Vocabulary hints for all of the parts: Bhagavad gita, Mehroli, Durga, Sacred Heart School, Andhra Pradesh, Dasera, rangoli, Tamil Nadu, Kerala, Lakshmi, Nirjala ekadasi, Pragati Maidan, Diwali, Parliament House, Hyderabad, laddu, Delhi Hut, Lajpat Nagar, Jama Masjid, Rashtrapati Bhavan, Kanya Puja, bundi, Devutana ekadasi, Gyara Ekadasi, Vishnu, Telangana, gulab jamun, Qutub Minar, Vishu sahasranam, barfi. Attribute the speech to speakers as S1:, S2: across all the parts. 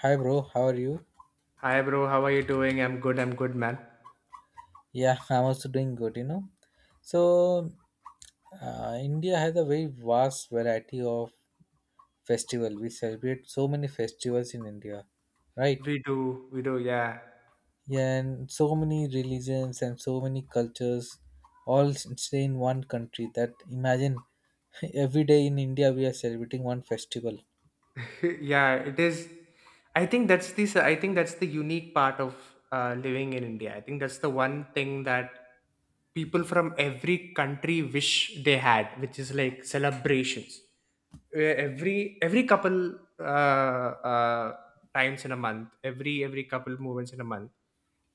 S1: Hi, bro. How are you?
S2: Hi bro, how are you doing? I'm good, man.
S1: Yeah, I'm also doing good, you know. So India has a very vast variety of festival. We celebrate so many festivals in India, right?
S2: We do, yeah.
S1: Yeah, and so many religions and so many cultures all stay in one country that imagine every day in India we are celebrating one festival.
S2: Yeah, it is. I think that's the unique part of living in India. I think that's the one thing that people from every country wish they had, which is like celebrations. Where every couple times in a month, every couple movements in a month,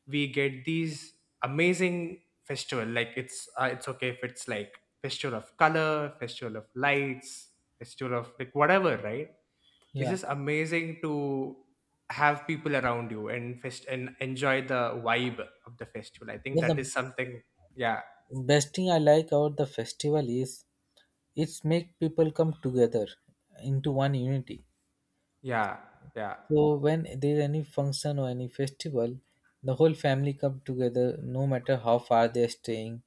S2: we get these amazing festival. Like it's okay if it's like festival of color, festival of lights, festival of like whatever, right? It's
S1: Yeah.
S2: just amazing to have people around you and enjoy the vibe of the festival. I think
S1: Well,
S2: that
S1: the
S2: is something. Yeah,
S1: best thing I like about the festival is it's make people come together into one unity.
S2: yeah, yeah.
S1: So when there's any function or any festival, the whole family come together, no matter how far they're staying,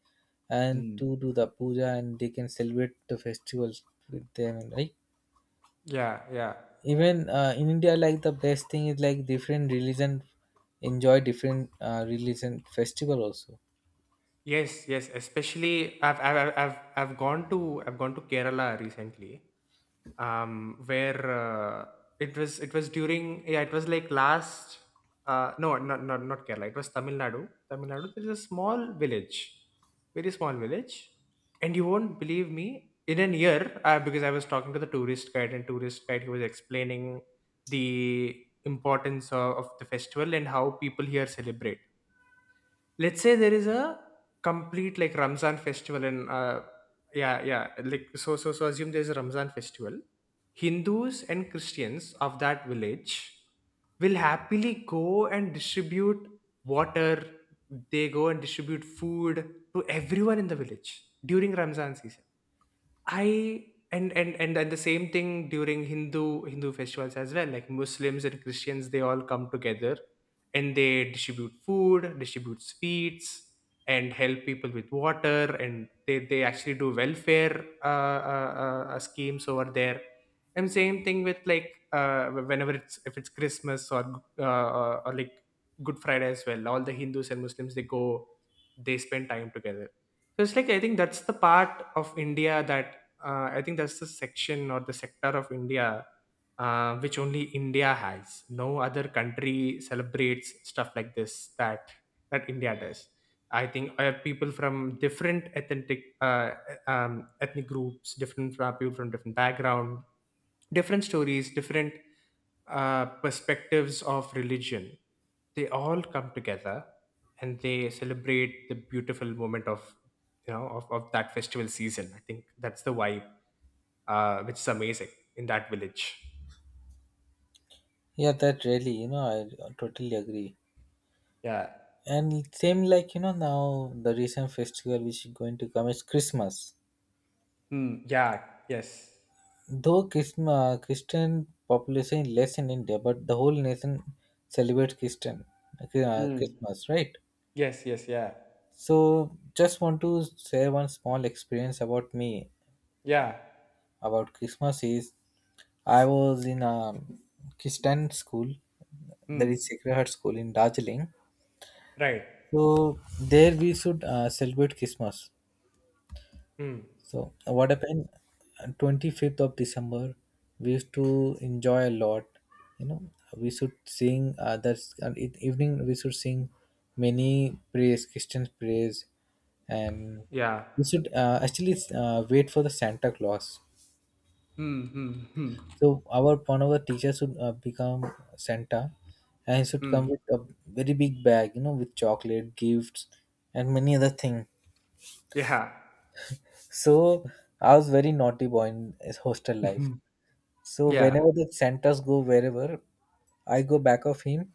S1: and
S2: Mm.
S1: to do the puja and they can celebrate the festivals with them. Right?
S2: Yeah, yeah.
S1: Even in India, like the best thing is like different religion enjoy different religion festival also.
S2: Yes, yes. Especially, I've gone to Kerala recently. um where it was during, yeah, it was like last, no, not, Kerala, it was Tamil Nadu. There is a small village, very small village, and you won't believe me in an year, because I was talking to the tourist guide, and tourist guide, he was explaining the importance of the festival and how people here celebrate. Let's say there is a complete like Ramzan festival in. Yeah, yeah, like so assume there's a Ramzan festival. Hindus and Christians of that village will happily go and distribute water. They go and distribute food to everyone in the village during Ramzan season. I and the same thing during Hindu festivals as well. Like Muslims and Christians, they all come together and they distribute food, distribute sweets, and help people with water. And they actually do welfare schemes over there. And same thing with like, whenever it's if it's Christmas or, like Good Friday as well. All the Hindus and Muslims, they go, they spend time together. So it's like, I think that's the part of India that, I think that's the section or the sector of India, which only India has. No other country celebrates stuff like this that India does. I think, people from different ethnic groups, different people from different background, different stories, different, perspectives of religion. They all come together and they celebrate the beautiful moment of you know of that festival season. I think that's the vibe, which is amazing in that village.
S1: Yeah, that really, you know, I totally agree.
S2: Yeah.
S1: And same like you know now the recent festival which is going to come is Christmas.
S2: Mm, yeah. Yes.
S1: Though Christian population is less in India, but the whole nation celebrates Christian
S2: Mm.
S1: Christmas, right?
S2: Yes. Yes. Yeah.
S1: So, just want to share one small experience about me
S2: Yeah.
S1: about Christmas. Is I was in a Christian school, that is
S2: Mm.
S1: Sacred Heart School in Darjeeling.
S2: Right.
S1: So there we should celebrate Christmas.
S2: Mm.
S1: So what happened? 25th of December, we used to enjoy a lot. You know, we should sing others. Evening we should sing many praise, Christian praise, and
S2: Yeah.
S1: we should actually wait for the Santa Claus.
S2: Mm. Mm. Mm.
S1: So our one of the teachers should become Santa, and he should come
S2: Mm.
S1: with a very big bag, you know, with chocolate, gifts, and many other things.
S2: Yeah.
S1: So I was very naughty boy in his hostel life. So
S2: Yeah.
S1: whenever the Santas go wherever, I go back of him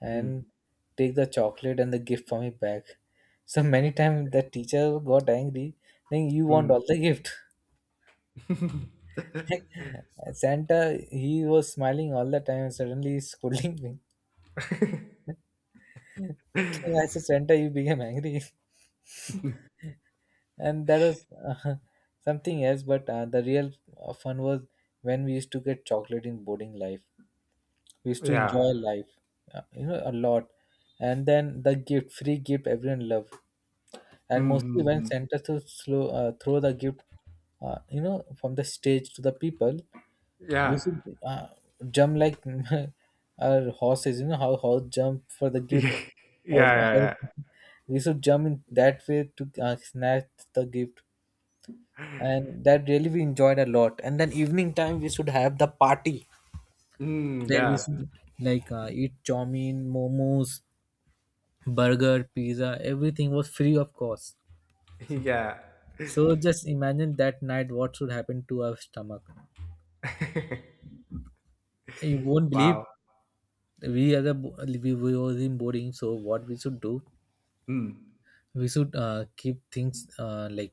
S1: and
S2: Mm.
S1: take the chocolate and the gift for me back. So many times the teacher got angry, saying you want
S2: Mm.
S1: all the gift. Like, Santa, he was smiling all the time and suddenly he's scolding me. Then I said, Santa, you became angry. And that was something else, but the real fun was when we used to get chocolate in boarding life. We used to
S2: Yeah.
S1: enjoy life you know a lot, and then the gift, free gift, everyone loved, and
S2: Mm.
S1: mostly
S2: Mm.
S1: when
S2: Mm.
S1: santa to slow, throw the gift you know from the stage to the people we
S2: Yeah.
S1: should jump like our horses, you know how horse jump for the gift
S2: Yeah.
S1: or
S2: Yeah.
S1: how-
S2: Yeah.
S1: we should jump in that way to snatch the gift, and that really we enjoyed a lot, and then evening time we should have the party
S2: Mm.
S1: where we
S2: Yeah.
S1: should like eat chowmein, momos, burger, pizza. Everything was free of cost.
S2: Yeah.
S1: So just imagine that night what should happen to our stomach. You won't believe,
S2: Wow.
S1: we are the we was in boarding. So what we should do?
S2: Mm.
S1: We should keep things like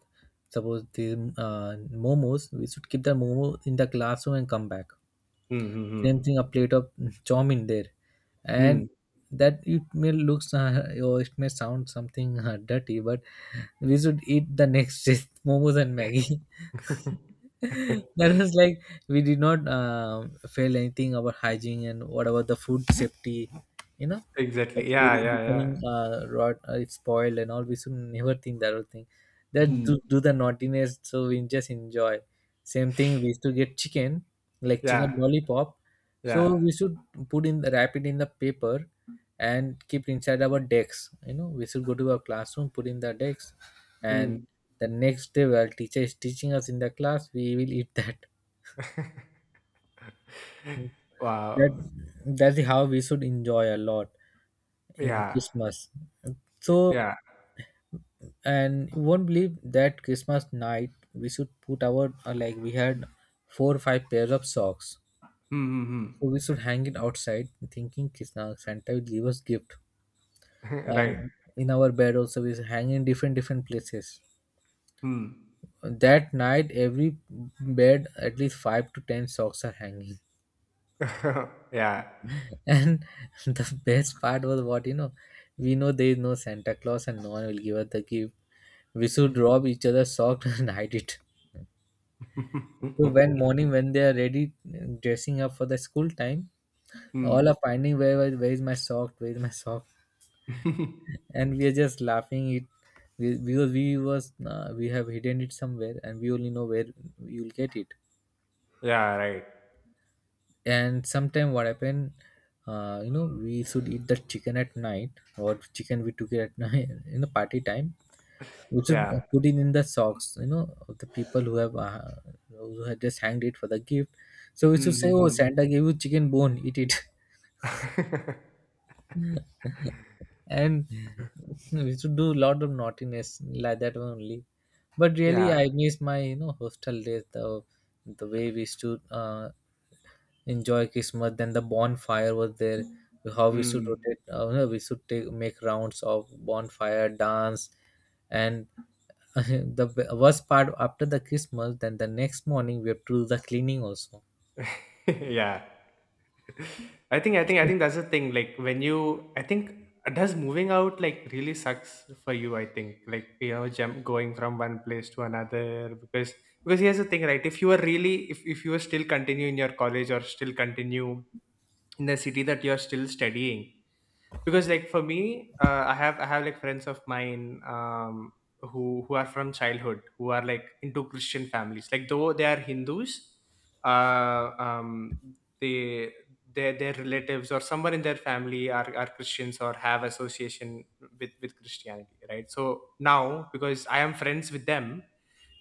S1: suppose the momos. We should keep the momo in the classroom and come back.
S2: Mm.
S1: Same
S2: Mm.
S1: thing, a plate of chowmein there, and that it may looks or it may sound something dirty, but we should eat the next day momos and maggie.
S2: Mm. Mm.
S1: That was like, we did not fail anything about hygiene and what about the food safety, you know, that
S2: Exactly.
S1: food
S2: Yeah,
S1: is
S2: yeah, yeah.
S1: becoming rot, it's spoiled and all we should never think that whole thing, that do,
S2: Mhm.
S1: do the naughtiness, so we just enjoy. Same thing, we used to get chicken, like chicken
S2: Yeah,
S1: lollipop, so
S2: yeah.
S1: we should put in the wrap it in the paper and keep inside our decks, you know, we should go to our classroom put in the decks, and
S2: Mm.
S1: the next day while teacher is teaching us in the class we will eat that. that
S2: Wow.
S1: that's how we should enjoy a lot in
S2: Yeah,
S1: Christmas. So,
S2: yeah.
S1: and you won't believe that Christmas night we should put our like, we had four or five pairs of socks,
S2: Hmm, hmm.
S1: so we should hang it outside thinking Krishna santa will give us gift,
S2: Right.
S1: and in our bed also we hang in different different places.
S2: Hmm.
S1: That night every bed at least five to ten socks are hanging.
S2: Yeah.
S1: And the best part was what, you know, we know there is no Santa Claus and no one will give us the gift. We should rob each other sock and hide it. So when morning when they are ready dressing up for the school time, all are
S2: Hmm.
S1: finding where where is my sock, where is my sock, and we are just laughing it, because we was we have hidden it somewhere and we only know where you will get it.
S2: Yeah, right.
S1: And sometime what happened, you know, we should eat the chicken at night, or chicken we took it at night in the party time. We should
S2: Yeah.
S1: put it in the socks, you know, of the people who have just hanged it for the gift. So we should
S2: Hmm,
S1: say,
S2: hmm,
S1: "Oh,
S2: hmm.
S1: Santa gave you chicken bone, eat it," and we should do a lot of naughtiness like that only. But really,
S2: Yeah.
S1: I miss my, you know, hostel days. The way we used to enjoy Christmas, then the bonfire was there. How we should
S2: Hmm.
S1: rotate, you know, we should take make rounds of bonfire dance, and the worst part after the Christmas, then the next morning we have to do the cleaning also.
S2: Yeah. I think that's the thing, like when you, I think, does moving out like really sucks for you. I think, like, you know jump going from one place to another. Because here's the thing, right? If you are still continue in your college or still continue in the city that you're still studying. Because like for me, I have like friends of mine, who are from childhood, who are like into Christian families, like though they are Hindus. Uh um they Their relatives or someone in their family are Christians or have association with Christianity, right? So now, because I am friends with them,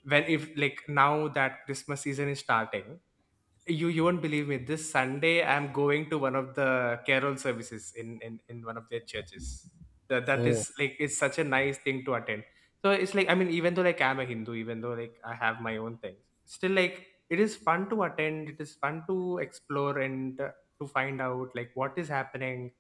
S2: when, if like, now that Christmas season is starting, you won't believe me, this Sunday I'm going to one of the carol services in one of their churches. That
S1: Oh,
S2: is like, it's such a nice thing to attend. So it's like, I mean, even though like I'm a Hindu, even though like I have my own things, still like it is fun to attend, it is fun to explore, and, to find out like what is happening,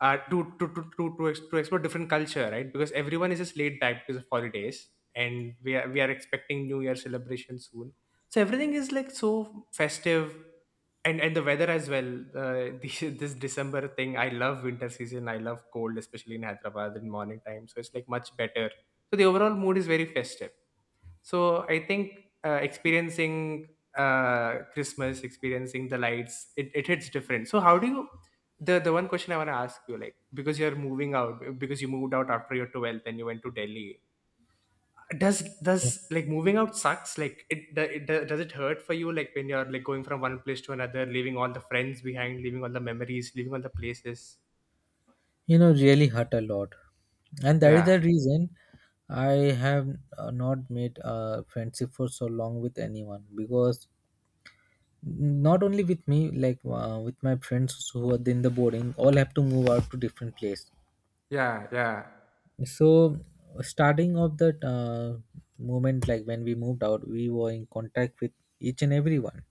S2: to explore different culture, right? Because everyone is just laid back because of holidays, and we are expecting New Year celebration soon. So everything is like so festive, and the weather as well. This December thing, I love winter season. I love cold, especially in Hyderabad in morning time. So it's like much better. So the overall mood is very festive. So I think, experiencing, Christmas, experiencing the lights, it hits different. So how do you? The one question I want to ask you, like, because you're moving out, because you moved out after your 12th and you went to Delhi. Does like moving out sucks? Like, does it hurt for you? Like when you're like going from one place to another, leaving all the friends behind, leaving all the memories, leaving all the places.
S1: you know, really hurt a lot, and that is
S2: Yeah,
S1: the reason I have not made a friendship for so long with anyone because not only with me, like with my friends who are in the boarding, all have to move out to different place.
S2: yeah, yeah.
S1: So, starting of that moment, like when we moved out, we were in contact with each and everyone.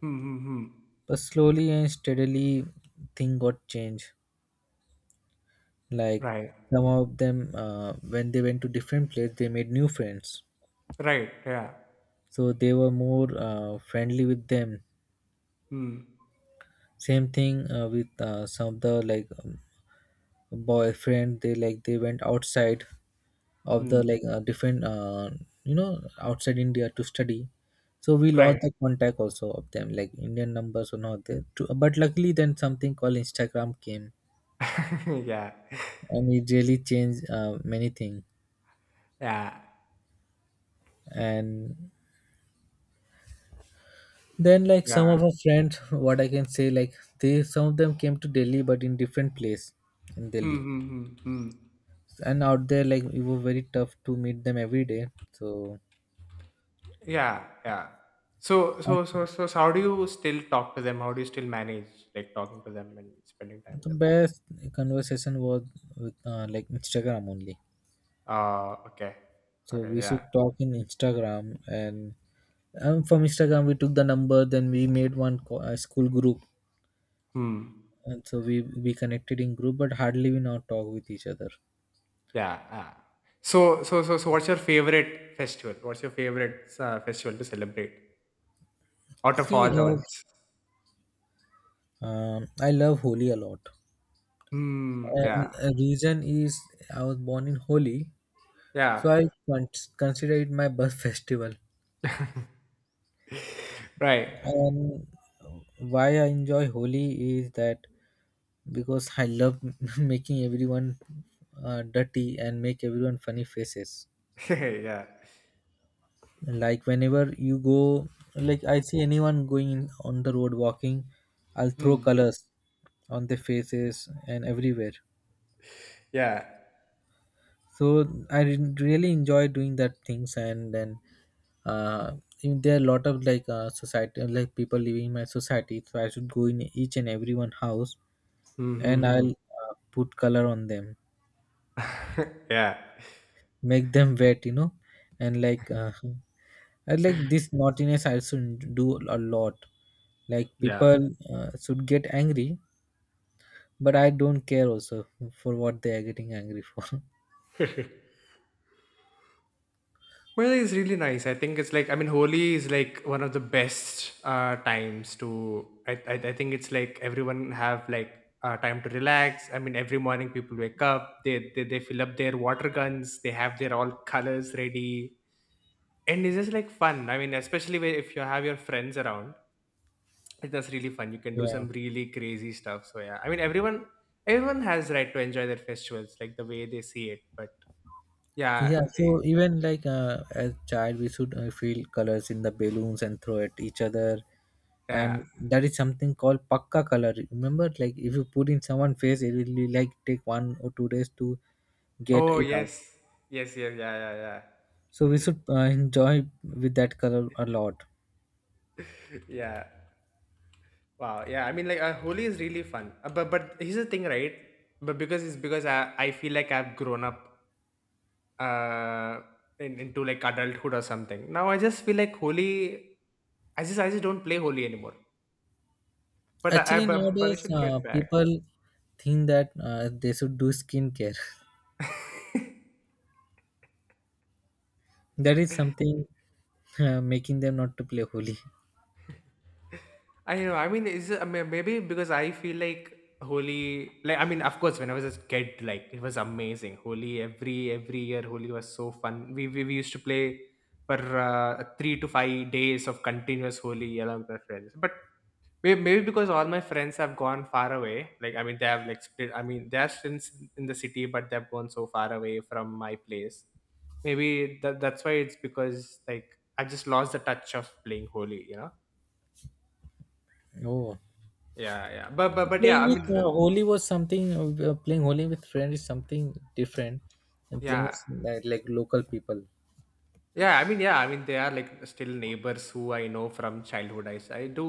S2: Hmm, hmm, hmm.
S1: But slowly and steadily, thing got changed. Like
S2: Right,
S1: some of them, when they went to different place, they made new friends.
S2: right, yeah.
S1: So they were more friendly with them.
S2: Hmm,
S1: Same thing with some of the like boyfriend. They like they went outside of the
S2: hmm.
S1: like different you know outside India to study. So we lost
S2: Right.
S1: the contact also of them, like Indian numbers were not there. To, but luckily, then something called Instagram came,
S2: Yeah.
S1: and it really changed many things.
S2: Yeah.
S1: And then like some of
S2: Yeah.
S1: our friends, what I can say, like they some of them came to Delhi but in different place in
S2: Hmm,
S1: Delhi,
S2: hmm, hmm, hmm.
S1: and out there like it was very tough to meet them every day. So
S2: Yeah, yeah.
S1: I,
S2: How do you still talk to them? How do you still manage like talking to them and spending time with
S1: the
S2: them?
S1: best conversation was with like Instagram only.
S2: Okay.
S1: So
S2: Okay,
S1: we should
S2: yeah.
S1: talk in Instagram, and from Instagram we took the number, then we made one school group,
S2: Hmm.
S1: and so we connected in group but hardly we now talk with each other.
S2: Yeah, yeah. What's your favorite festival? What's your favorite festival to celebrate out of
S1: See,
S2: all the ones?
S1: I love Holi a lot,
S2: Hmm.
S1: and
S2: Yeah.
S1: a reason is I was born in Holi,
S2: Yeah.
S1: so I consider it my birth festival.
S2: Right.
S1: And why I enjoy Holi is that because I love making everyone dirty and make everyone funny faces.
S2: Yeah.
S1: Like whenever you go, like I see anyone going on the road walking, I'll throw
S2: Hmm.
S1: colors on their faces and everywhere.
S2: Yeah.
S1: So I really enjoy doing that things, and then uh there are a lot of like society, like people living in my society, so I should go in each and every one house,
S2: Hmm. Hmm,
S1: and
S2: hmm.
S1: I'll put color on them,
S2: Yeah.
S1: make them wet, you know, and like I like this naughtiness I should do a lot. Like
S2: Yeah.
S1: people should get angry, but I don't care also for what they are getting angry for.
S2: Well, it's really nice. I think it's like, I mean, Holi is like one of the best, times to. I think it's like everyone have like, time to relax. I mean, every morning people wake up. They fill up their water guns. They have their all colors ready, and it's just like fun. I mean, especially if you have your friends around, that's really fun. You can do
S1: Yeah,
S2: some really crazy stuff. So yeah, I mean, everyone, has right to enjoy their festivals like the way they see it. But yeah.
S1: Yeah, so even like as child, we should feel colors in the balloons and throw at each other,
S2: Yeah.
S1: and that is something called pakka color. Remember, like if you put in someone's face, it will be like take 1 or 2 days to get
S2: Oh,
S1: it out.
S2: yes. Yes, yes, yeah, yeah, yeah.
S1: So we should enjoy with that color a lot.
S2: Yeah. Wow. Yeah. I mean like, Holi is really fun. But here's the thing, right? But because I feel like I've grown up, uh into like adulthood or something. Now I just feel like Holi, I just don't play Holi anymore. But I, I
S1: Actually,
S2: but, but I
S1: nowadays
S2: should get back.
S1: people think that they should do skincare. That is something making them not to play Holi.
S2: I know. I mean, is it, I mean, maybe because I feel like Holi, like, I mean, of course, when I was a kid, like it was amazing. Holi, every year, Holi was so fun. We used to play for, 3 to 5 days of continuous Holi along with my friends. But maybe because all my friends have gone far away. Like I mean, they have like split. I mean, they are still in the city, but they've gone so far away from my place. Maybe that's why it's, because like I just lost the touch of playing Holi.
S1: Oh.
S2: Yeah, yeah. But yeah,
S1: Playing
S2: I
S1: with
S2: mean
S1: Holi was something. Playing Holi with friends is something different than playing
S2: yeah.
S1: with like local people.
S2: Yeah, I mean, yeah, I mean, they are like still neighbors who I know from childhood. I do.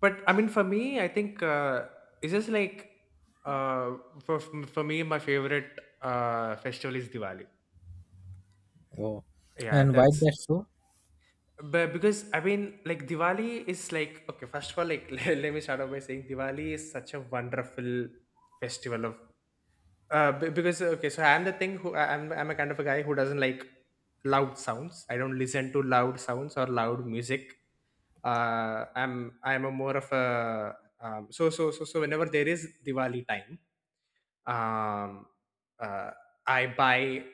S2: But I mean for me, I think, it's just like, uh for, me, my favorite, festival is Diwali.
S1: Oh,
S2: Yeah,
S1: and why
S2: that's.
S1: that so?
S2: But because I mean like Diwali is like, okay, first of all, like, let me start off by saying Diwali is such a wonderful festival of. Because, okay, so I'm the thing who, I'm a kind of a guy who doesn't like loud sounds. I don't listen to loud sounds or loud music. I'm a more of a, so whenever there is Diwali time, um, uh, I buy,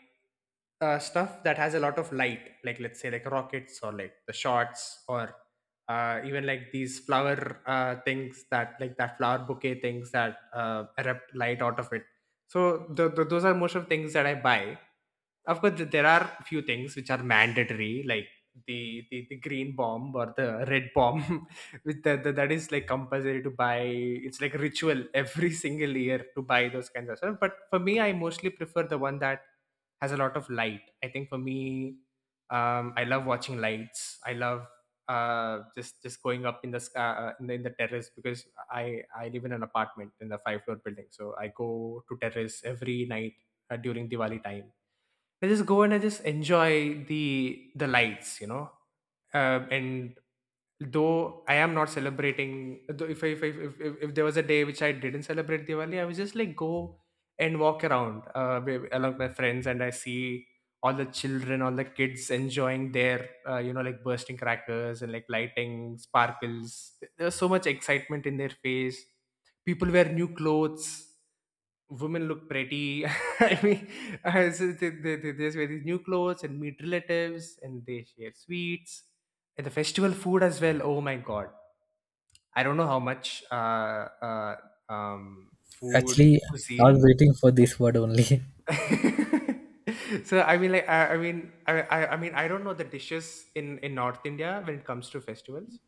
S2: stuff that has a lot of light, like let's say like rockets or like the shots or, even like these flower, things that like, that flower bouquet things that, erupt light out of it. So the, those are most of things that I buy. Of course, there are few things which are mandatory, like the green bomb or the red bomb, with the, that is like compulsory to buy. It's like ritual every single year to buy those kinds of stuff. But for me, I mostly prefer the one that has a lot of light. I think for me, I love watching lights. I love just going up in the sky in the terrace because I live in an apartment in the five floor building, so I go to terrace every night during Diwali time. I just go and I just enjoy the lights. And though I am not celebrating, though if, I, if, I, if there was a day which I didn't celebrate Diwali, I was just like go and walk around along my friends, and I see all the children, all the kids enjoying their like bursting crackers and like lighting sparkles. There was so much excitement in their face. People wear new clothes, women look pretty. I mean, so they just wear these new clothes and meet relatives, and they share sweets and the festival food as well. Oh my god! I don't know how much food
S1: Actually, I was
S2: cuisine.
S1: waiting for this word only.
S2: so I mean, like I mean, I mean, I don't know the dishes in North India when it comes to festivals.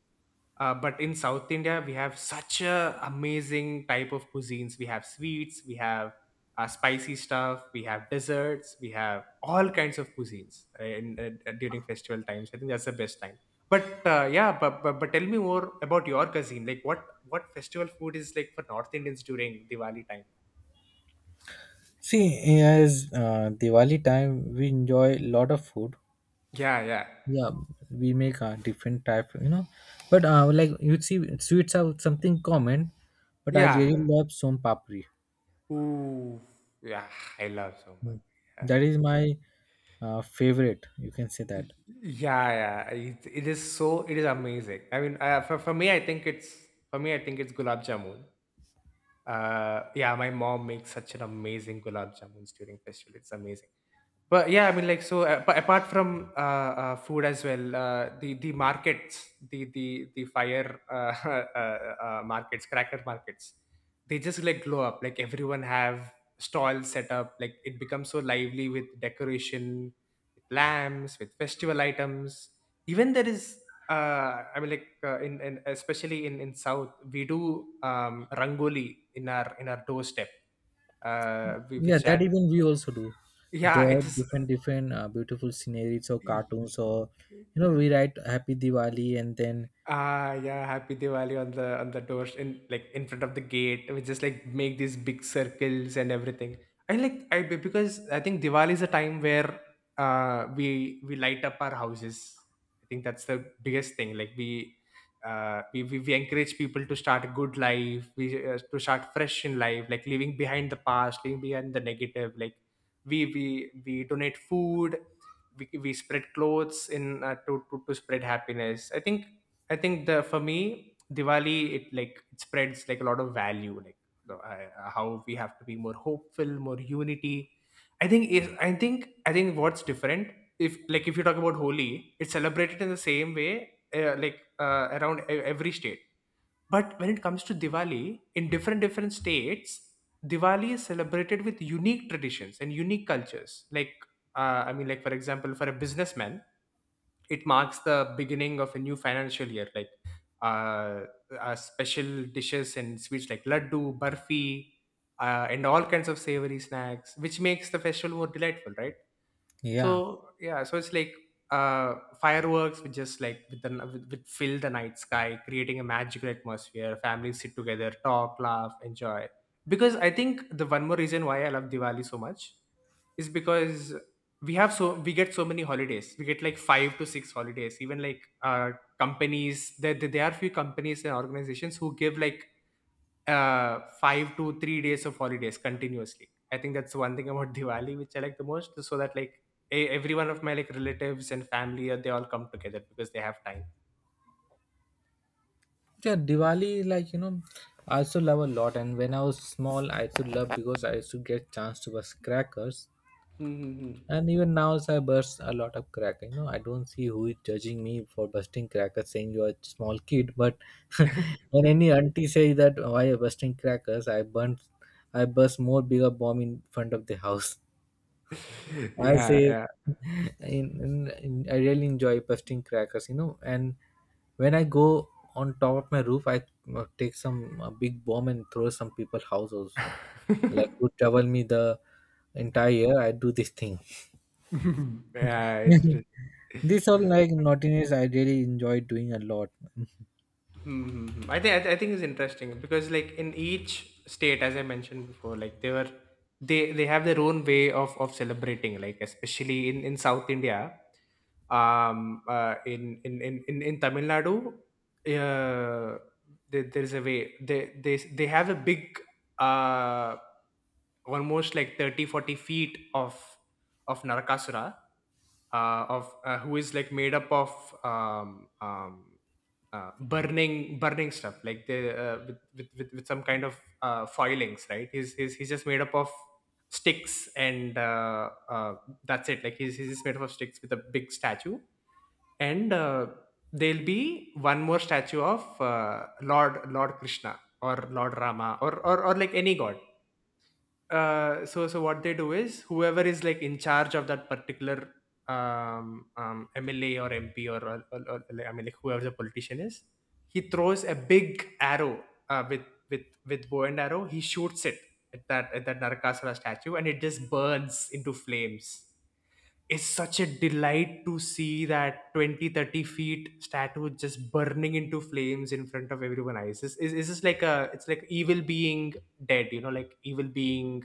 S2: But in South India, we have such a amazing type of cuisines. We have sweets, we have spicy stuff, we have desserts, we have all kinds of cuisines during festival times. I think that's the best time. But yeah, but tell me more about your cuisine. Like what festival food is like for North Indians during Diwali time?
S1: See, as Diwali time, we enjoy a lot of food.
S2: Yeah, yeah,
S1: Yeah, we make a different type, you know. But like you see, sweets are something common. But I
S2: yeah.
S1: really love som papri.
S2: Ooh, yeah. I love so much.
S1: Mm.
S2: Yeah.
S1: That is my favorite. You can say that.
S2: Y- Yeah, yeah. It is so it is amazing. I mean, for me, I think it's for me, I think it's gulab jamun. Yeah, my mom makes such an amazing gulab jamuns during festival. It's amazing. But but apart from food as well, the markets, the fire markets, cracker markets, they just like glow up. Like everyone have stalls set up. Like it becomes so lively with decoration, with lamps, with festival items. Even there is, I mean, like in especially in South, we do rangoli in our doorstep,
S1: Yeah,
S2: which
S1: that
S2: had
S1: even we also do.
S2: yeah, it
S1: Draw different beautiful sceneries or
S2: is.
S1: cartoons, or you know, we write Happy Diwali. And then
S2: Ah, yeah, happy Diwali on the doors, in like in front of the gate. We just like make these big circles and everything. I like because I think Diwali is a time where we light up our houses. I think that's the biggest thing. Like we we encourage people to start a good life. We to start fresh in life, like leaving behind the past, leaving behind the negative. Like we we donate food. We spread clothes in to spread happiness. I think the for me Diwali it like it spreads like a lot of value, like how we have to be more hopeful, more unity. I think is I think what's different, if like if you talk about Holi, it's celebrated in the same way around every state. But when it comes to Diwali, in different different states, Diwali is celebrated with unique traditions and unique cultures. Like for example, for a businessman, it marks the beginning of a new financial year, like uh, special dishes and sweets like laddu barfi, and all kinds of savory snacks which makes the festival more delightful, right?
S1: yeah,
S2: So yeah, so it's like uh fireworks which just like with fill the night sky, creating a magical atmosphere. Families sit together, talk, laugh, enjoy, because I think the one more reason why I love Diwali so much is because we have so we get so many holidays. We get like five to six holidays, even like companies, there are few companies and organizations who give like 5 to 3 days of holidays continuously. I think that's one thing about Diwali which I like the most, so that like every one of my like relatives and family, they all come together because they have time.
S1: yeah, Diwali, like you know, I also love a lot. And when I was small, I used to love because I used to get chance to bust crackers. And even now, so I burst a lot of cracker, you know. I don't see who is judging me for busting crackers, saying you're a small kid. But when any auntie say that why you're busting crackers, I burst more bigger bomb in front of the house. I
S2: Yeah,
S1: say,
S2: yeah.
S1: in, in, I really enjoy busting crackers, you know. And when I go on top of my roof, I take some big bomb and throw some people house also. Like who trouble me the entire year, I do this thing.
S2: Yeah, it's true.
S1: This all like naughtiness I really enjoy doing a lot.
S2: Hmm. Hmm, hmm. I think it's interesting because like in each state, as I mentioned before, like they have their own way of celebrating. Like especially in South India, in Tamil Nadu, uh, there's a way they have a big, uh almost like 30-40 feet of narakasura, of who is like made up of um, um, burning burning stuff, like the, with some kind of foilings, right? He's, he's just made up of sticks, and that's it. Like he's just made up of sticks with a big statue, and there'll be one more statue of lord krishna or lord rama, or like any god. So what they do is whoever is like in charge of that particular MLA or MP or like, I mean like whoever the politician is, he throws a big arrow, with with bow and arrow. He shoots it at that, at that Narakasura statue, and it just burns into flames. It's such a delight to see that 20-30 feet statue just burning into flames in front of everyone else. It's just like a, it's like evil being dead, like evil being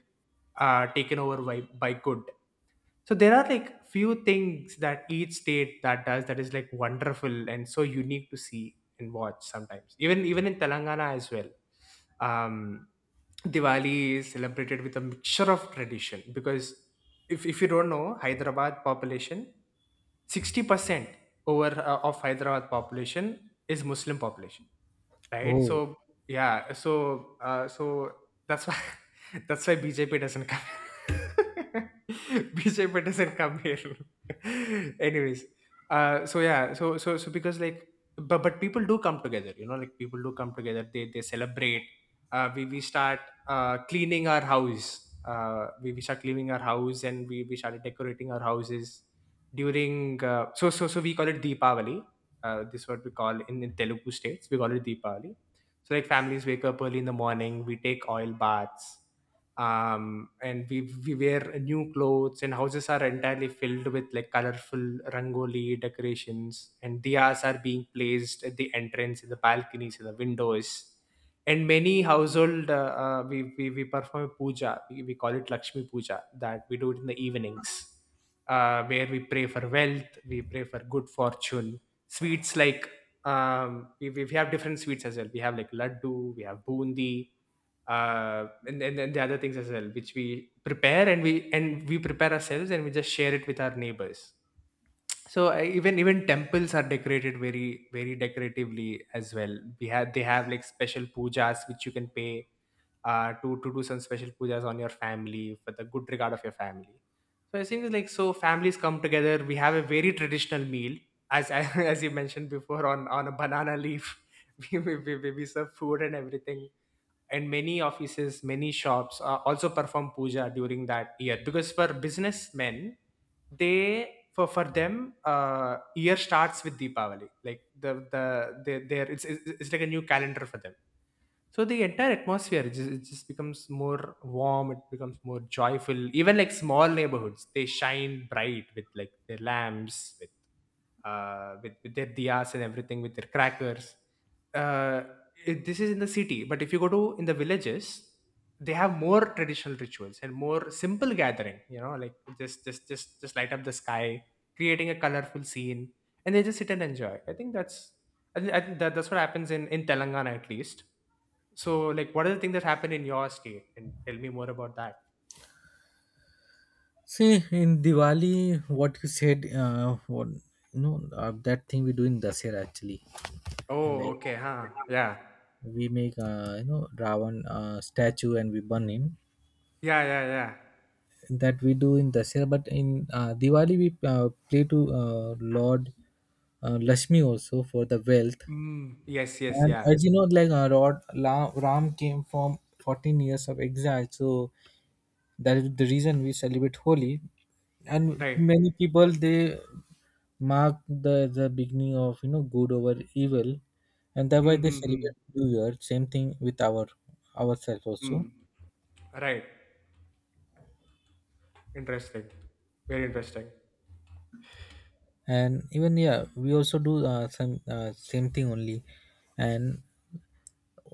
S2: taken over by good. So there are like few things that each state that does that is like wonderful and so unique to see and watch sometimes. Even even in Telangana as well. Um, Diwali is celebrated with a mixture of tradition, because if you don't know Hyderabad population, 60% over, of Hyderabad population is Muslim population. Right?
S1: Oh,
S2: So yeah, so so that's why that's why BJP doesn't come. BJP doesn't come here. Anyways, so yeah, because like, but people do come together. You know, like people do come together. They celebrate. We start cleaning our house. We start cleaning our house, and we started decorating our houses during we call it Deepavali. This is what we call in Telugu states, we call it Deepavali. So like families wake up early in the morning, we take oil baths, um, and we wear new clothes, and houses are entirely filled with like colorful rangoli decorations, and diyas are being placed at the entrance, in the balconies, in the windows. And many household, we perform a puja. We call it Lakshmi puja. That we do it in the evenings, where we pray for wealth, we pray for good fortune, sweets like we have different sweets as well. We have like laddu, we have bundi, and then the other things as well, which we prepare and we prepare ourselves and we just share it with our neighbors. So even even temples are decorated very very decoratively as well. We have they have like special pujas which you can pay to do some special pujas on your family for the good regard of your family. So I think like so families come together. We have a very traditional meal, as as you mentioned before, on a banana leaf. We serve food and everything, and many offices many shops also perform puja during that year, because for businessmen they for them year starts with deepavali, like the they it's like a new calendar for them. So the entire atmosphere, it just becomes more warm, it becomes more joyful. Even like small neighborhoods, they shine bright with like their lamps, with with their diyas and everything, with their crackers, uh, it, this is in the city. But if you go to in the villages, they have more traditional rituals and more simple gathering, like just light up the sky, creating a colorful scene, and they just sit and enjoy. I think that's, I think that, that's what happens in telangana at least. So like what are the things that happen in your state, and tell me more about that.
S1: see, in Diwali, what you said, that thing we do in Dasera actually,
S2: Oh,
S1: like
S2: okay, huh, yeah.
S1: we make you know, ravan statue, and we burn him.
S2: Yeah, yeah, yeah.
S1: That we do in Dasera. But in Diwali we play to Lord Lashmi also for the wealth.
S2: Mm, yes, yes,
S1: And
S2: yeah.
S1: as you know, like Ram came from 14 years of exile, so that is the reason we celebrate Holi. And
S2: Right.
S1: many people, they mark the beginning of, you know, good over evil. And that's why they
S2: Mm-hmm, mm, mm,
S1: celebrate new year, same thing with our ourselves
S2: mm,
S1: also.
S2: mm. Right. Interesting. Very interesting.
S1: And even yeah, we also do some same thing only. And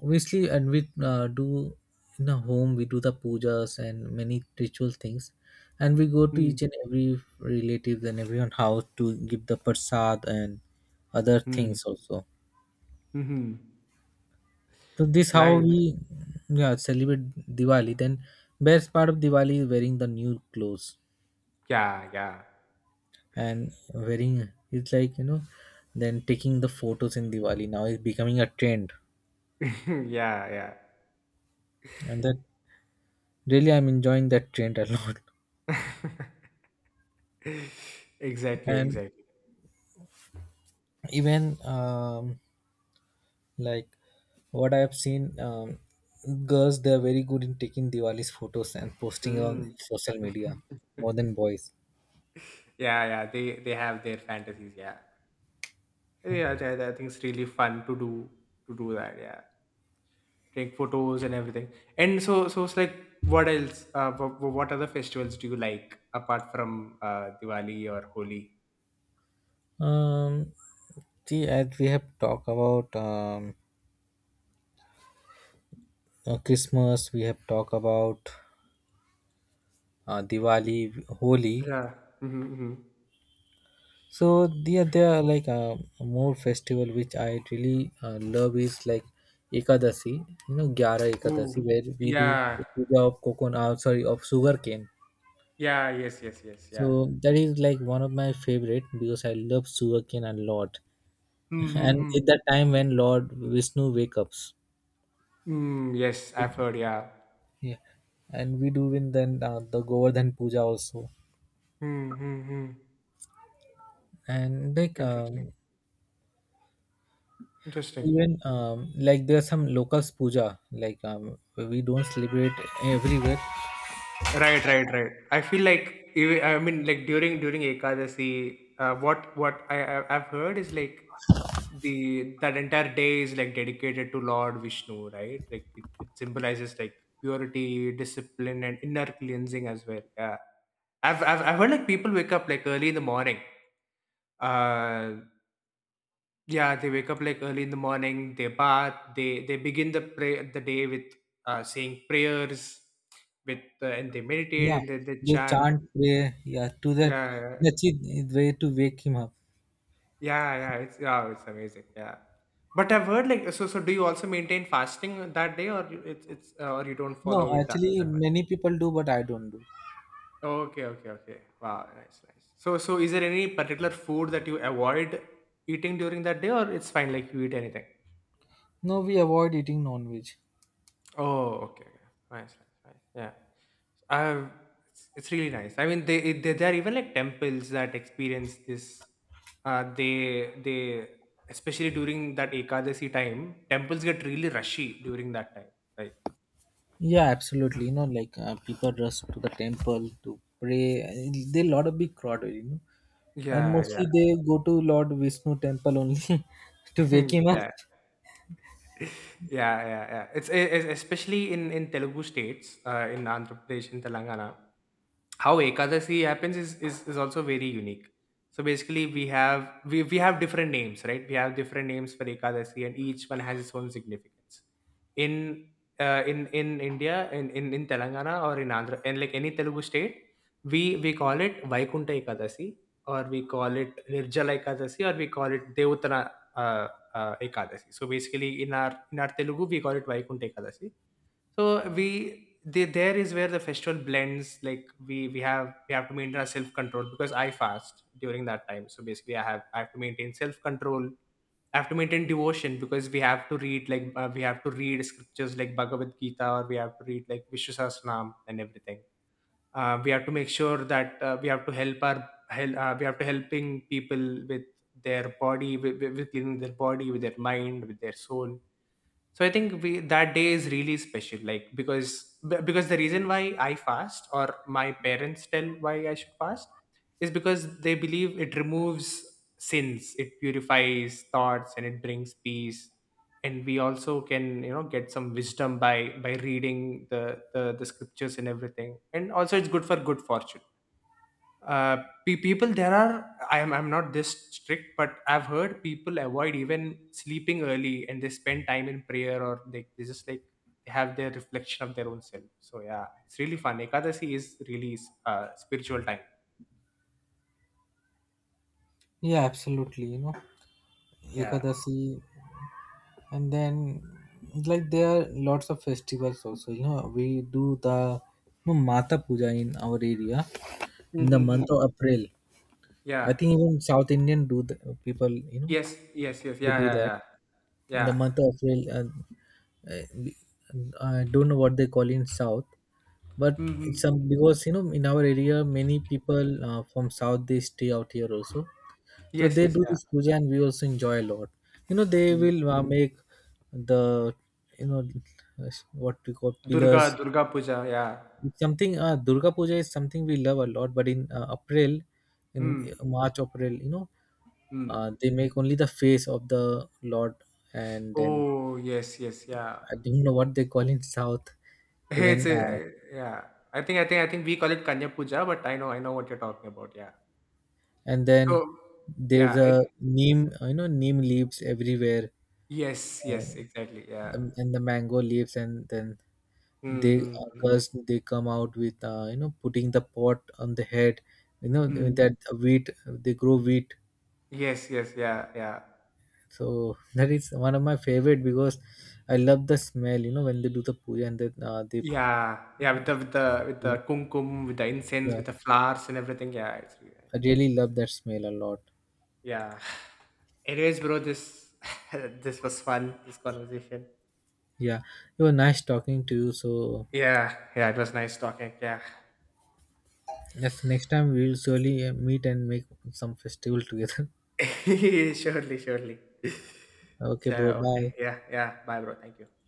S1: obviously, and we do in a home, we do the pujas and many ritual things. And we go to
S2: Hmm.
S1: each and every relative and everyone house to give the prasad and other
S2: Hmm.
S1: things also.
S2: Hmm.
S1: So this how we,
S2: Nice.
S1: yeah, celebrate diwali. Then best part of diwali is wearing the new clothes.
S2: Yeah. Yeah.
S1: And wearing, it's like, you know, then taking the photos in diwali now is becoming a trend.
S2: Yeah. Yeah.
S1: And that, really I'm enjoying that trend a lot.
S2: Exactly.
S1: And
S2: Exactly.
S1: even like, what I have seen, girls, they are very good in taking diwali's photos and posting on
S2: Mm.
S1: social media, more than boys.
S2: Yeah. Yeah. They have their fantasies. Yeah. Yeah. I think it's really fun to do that. Yeah. Take photos and everything. And so it's like, what else? What other festivals do you like apart from Diwali or Holi?
S1: um see, as we have talked about, christmas, we have talked about, diwali, holi.
S2: Yeah. Mm-hmm.
S1: So there are like more festival which I really love is like Ekadasi, you know, Gyara
S2: Oh,
S1: Ekadasi, where we do
S2: yeah.
S1: puja of coconut, sorry, of sugarcane.
S2: Yeah, yes, yes, yes, yeah.
S1: So that is like one of my favorite because I love sugarcane a lot,
S2: Hmm, hmm,
S1: and at
S2: hmm.
S1: that time when Lord Vishnu wakes up,
S2: Hmm, yes, I've heard, yeah.
S1: yeah. And we do in then the Govardhan puja also.
S2: Hmm, hmm, hmm.
S1: And like
S2: Interesting. Interesting.
S1: even like, there are some locals puja like we don't celebrate everywhere.
S2: Right, right, right. I feel like I mean, like, during Ekadasi, I've heard is like, the that entire day is like dedicated to Lord Vishnu, right? Like it symbolizes like purity, discipline, and inner cleansing as well. Yeah, I've heard like people wake up like early in the morning, uh, yeah, they wake up like early in the morning, they bath, they begin the day with saying prayers with and they meditate
S1: Yeah,
S2: and they
S1: they
S2: chant.
S1: chant pray. Yeah, to that,
S2: Yeah, yeah,
S1: that's it way to wake him up.
S2: yeah, yeah, it's amazing. Yeah. But I've heard like, so do you also maintain fasting that day, or you don't follow
S1: No,
S2: it that,
S1: actually,
S2: that much?
S1: many people do, but I don't do.
S2: Okay, okay, okay. Wow, nice, nice. So is there any particular food that you avoid eating during that day, or it's fine, like you eat anything?
S1: No, we avoid eating non-veg.
S2: Oh, okay, okay. Nice, nice, nice. Yeah. I have, it's really nice. I mean, they there are even like temples that experience this. They especially during that Ekadasi time, temples get really rushy during that time. Like
S1: Yeah, absolutely. You know, like people rush to the temple to pray. And there are a lot of big crowd, you know, and
S2: yeah, yeah,
S1: mostly they go to Lord Vishnu temple only to wake him up.
S2: yeah, yeah, yeah, yeah. It's especially in Telugu states, in Andhra Pradesh, in Telangana. How Ekadasi happens is also very unique. So basically, we have different names, right? We have different names for Ekadasi, and each one has its own significance in india in Telangana, or in Andhra, and like any Telugu state, we call it Vaikunta Ekadasi, or we call it Nirjala Ekadasi, or we call it Devutana, uh, Ekadasi. So basically, in our Telugu, we call it Vaikunta Ekadasi. So there is where the festival blends, like, we have to maintain our self control, because I fast during that time. So basically, I have to maintain self control. I have to maintain devotion, because we have to read, like, we have to read scriptures like Bhagavad Gita, or we have to read, like, Vishu Sahasranam and everything. We have to make sure that we have to helping people with their body, with cleaning their body, with their mind, with their soul. So I think we that day is really special, like, because the reason why I fast, or my parents tell why I should fast, is because they believe it removes sins, it purifies thoughts, and it brings peace. And we also can, get some wisdom by reading the scriptures and everything. And also, it's good for good fortune. uh People, there are I'm not this strict, but I've heard people avoid even sleeping early, and they spend time in prayer, or they just, like, they have their reflection of their own self. So yeah, it's really fun. Ekadasi is really spiritual time.
S1: Yeah, absolutely, you know,
S2: Yeah.
S1: Ekadasi. And then, like, there are lots of festivals also, you know, we do the, you know, mata puja in our area in the month
S2: Mm-hmm.
S1: of april. I
S2: Yeah,
S1: think even south indian do the people, you know,
S2: yes, yes, yes,
S1: they
S2: yeah,
S1: do
S2: yeah,
S1: that
S2: yeah,
S1: in the
S2: yeah.
S1: month of april. And uh, we- I don't know what they call in south, but
S2: Mm-hmm.
S1: it's some. Because you know, in our area, many people, from south they stay out here also. So
S2: Yes,
S1: they
S2: yes,
S1: do
S2: yeah.
S1: this puja and we also enjoy a lot. You know, they
S2: Mm.
S1: will make the, you know, what we call
S2: durga
S1: pillars.
S2: durga Puja. Yeah.
S1: It's something, durga puja is something we love a lot, but in april, in
S2: Hmm.
S1: march april, you know,
S2: Hmm.
S1: they make only the face of the lord. And then
S2: Oh, yes, yes, yeah.
S1: I don't know what they call in south.
S2: Hey,
S1: Even
S2: yeah. I think we call it Kanya Puja, but I know what you're talking about. Yeah.
S1: and then
S2: So
S1: there's
S2: yeah,
S1: a neem, you know, neem leaves everywhere.
S2: yes, yes,
S1: Oh,
S2: exactly. Yeah.
S1: the, and the mango leaves. And then they,
S2: Mm-hmm.
S1: girls, they come out with, you know, putting the pot on the head, you know,
S2: Hmm.
S1: that wheat, they grow wheat.
S2: Yes, yes, yeah, yeah.
S1: So that is one of my favorite, because I love the smell, you know, when they do the puja. And then they,
S2: Yeah, yeah, with the kumkum, with the incense,
S1: yeah,
S2: with the flowers and everything. Yeah, it's really nice.
S1: I really love that smell a lot.
S2: Yeah. Anyways, bro, this this was fun, this conversation.
S1: Yeah, it was nice talking to you. So
S2: Yeah, yeah, it was nice talking. Yeah.
S1: yes, next time we'll surely meet and make some festival together.
S2: Surely, surely.
S1: Okay,
S2: So,
S1: bro,
S2: okay.
S1: bye.
S2: Yeah, yeah. Bye, bro. Thank you.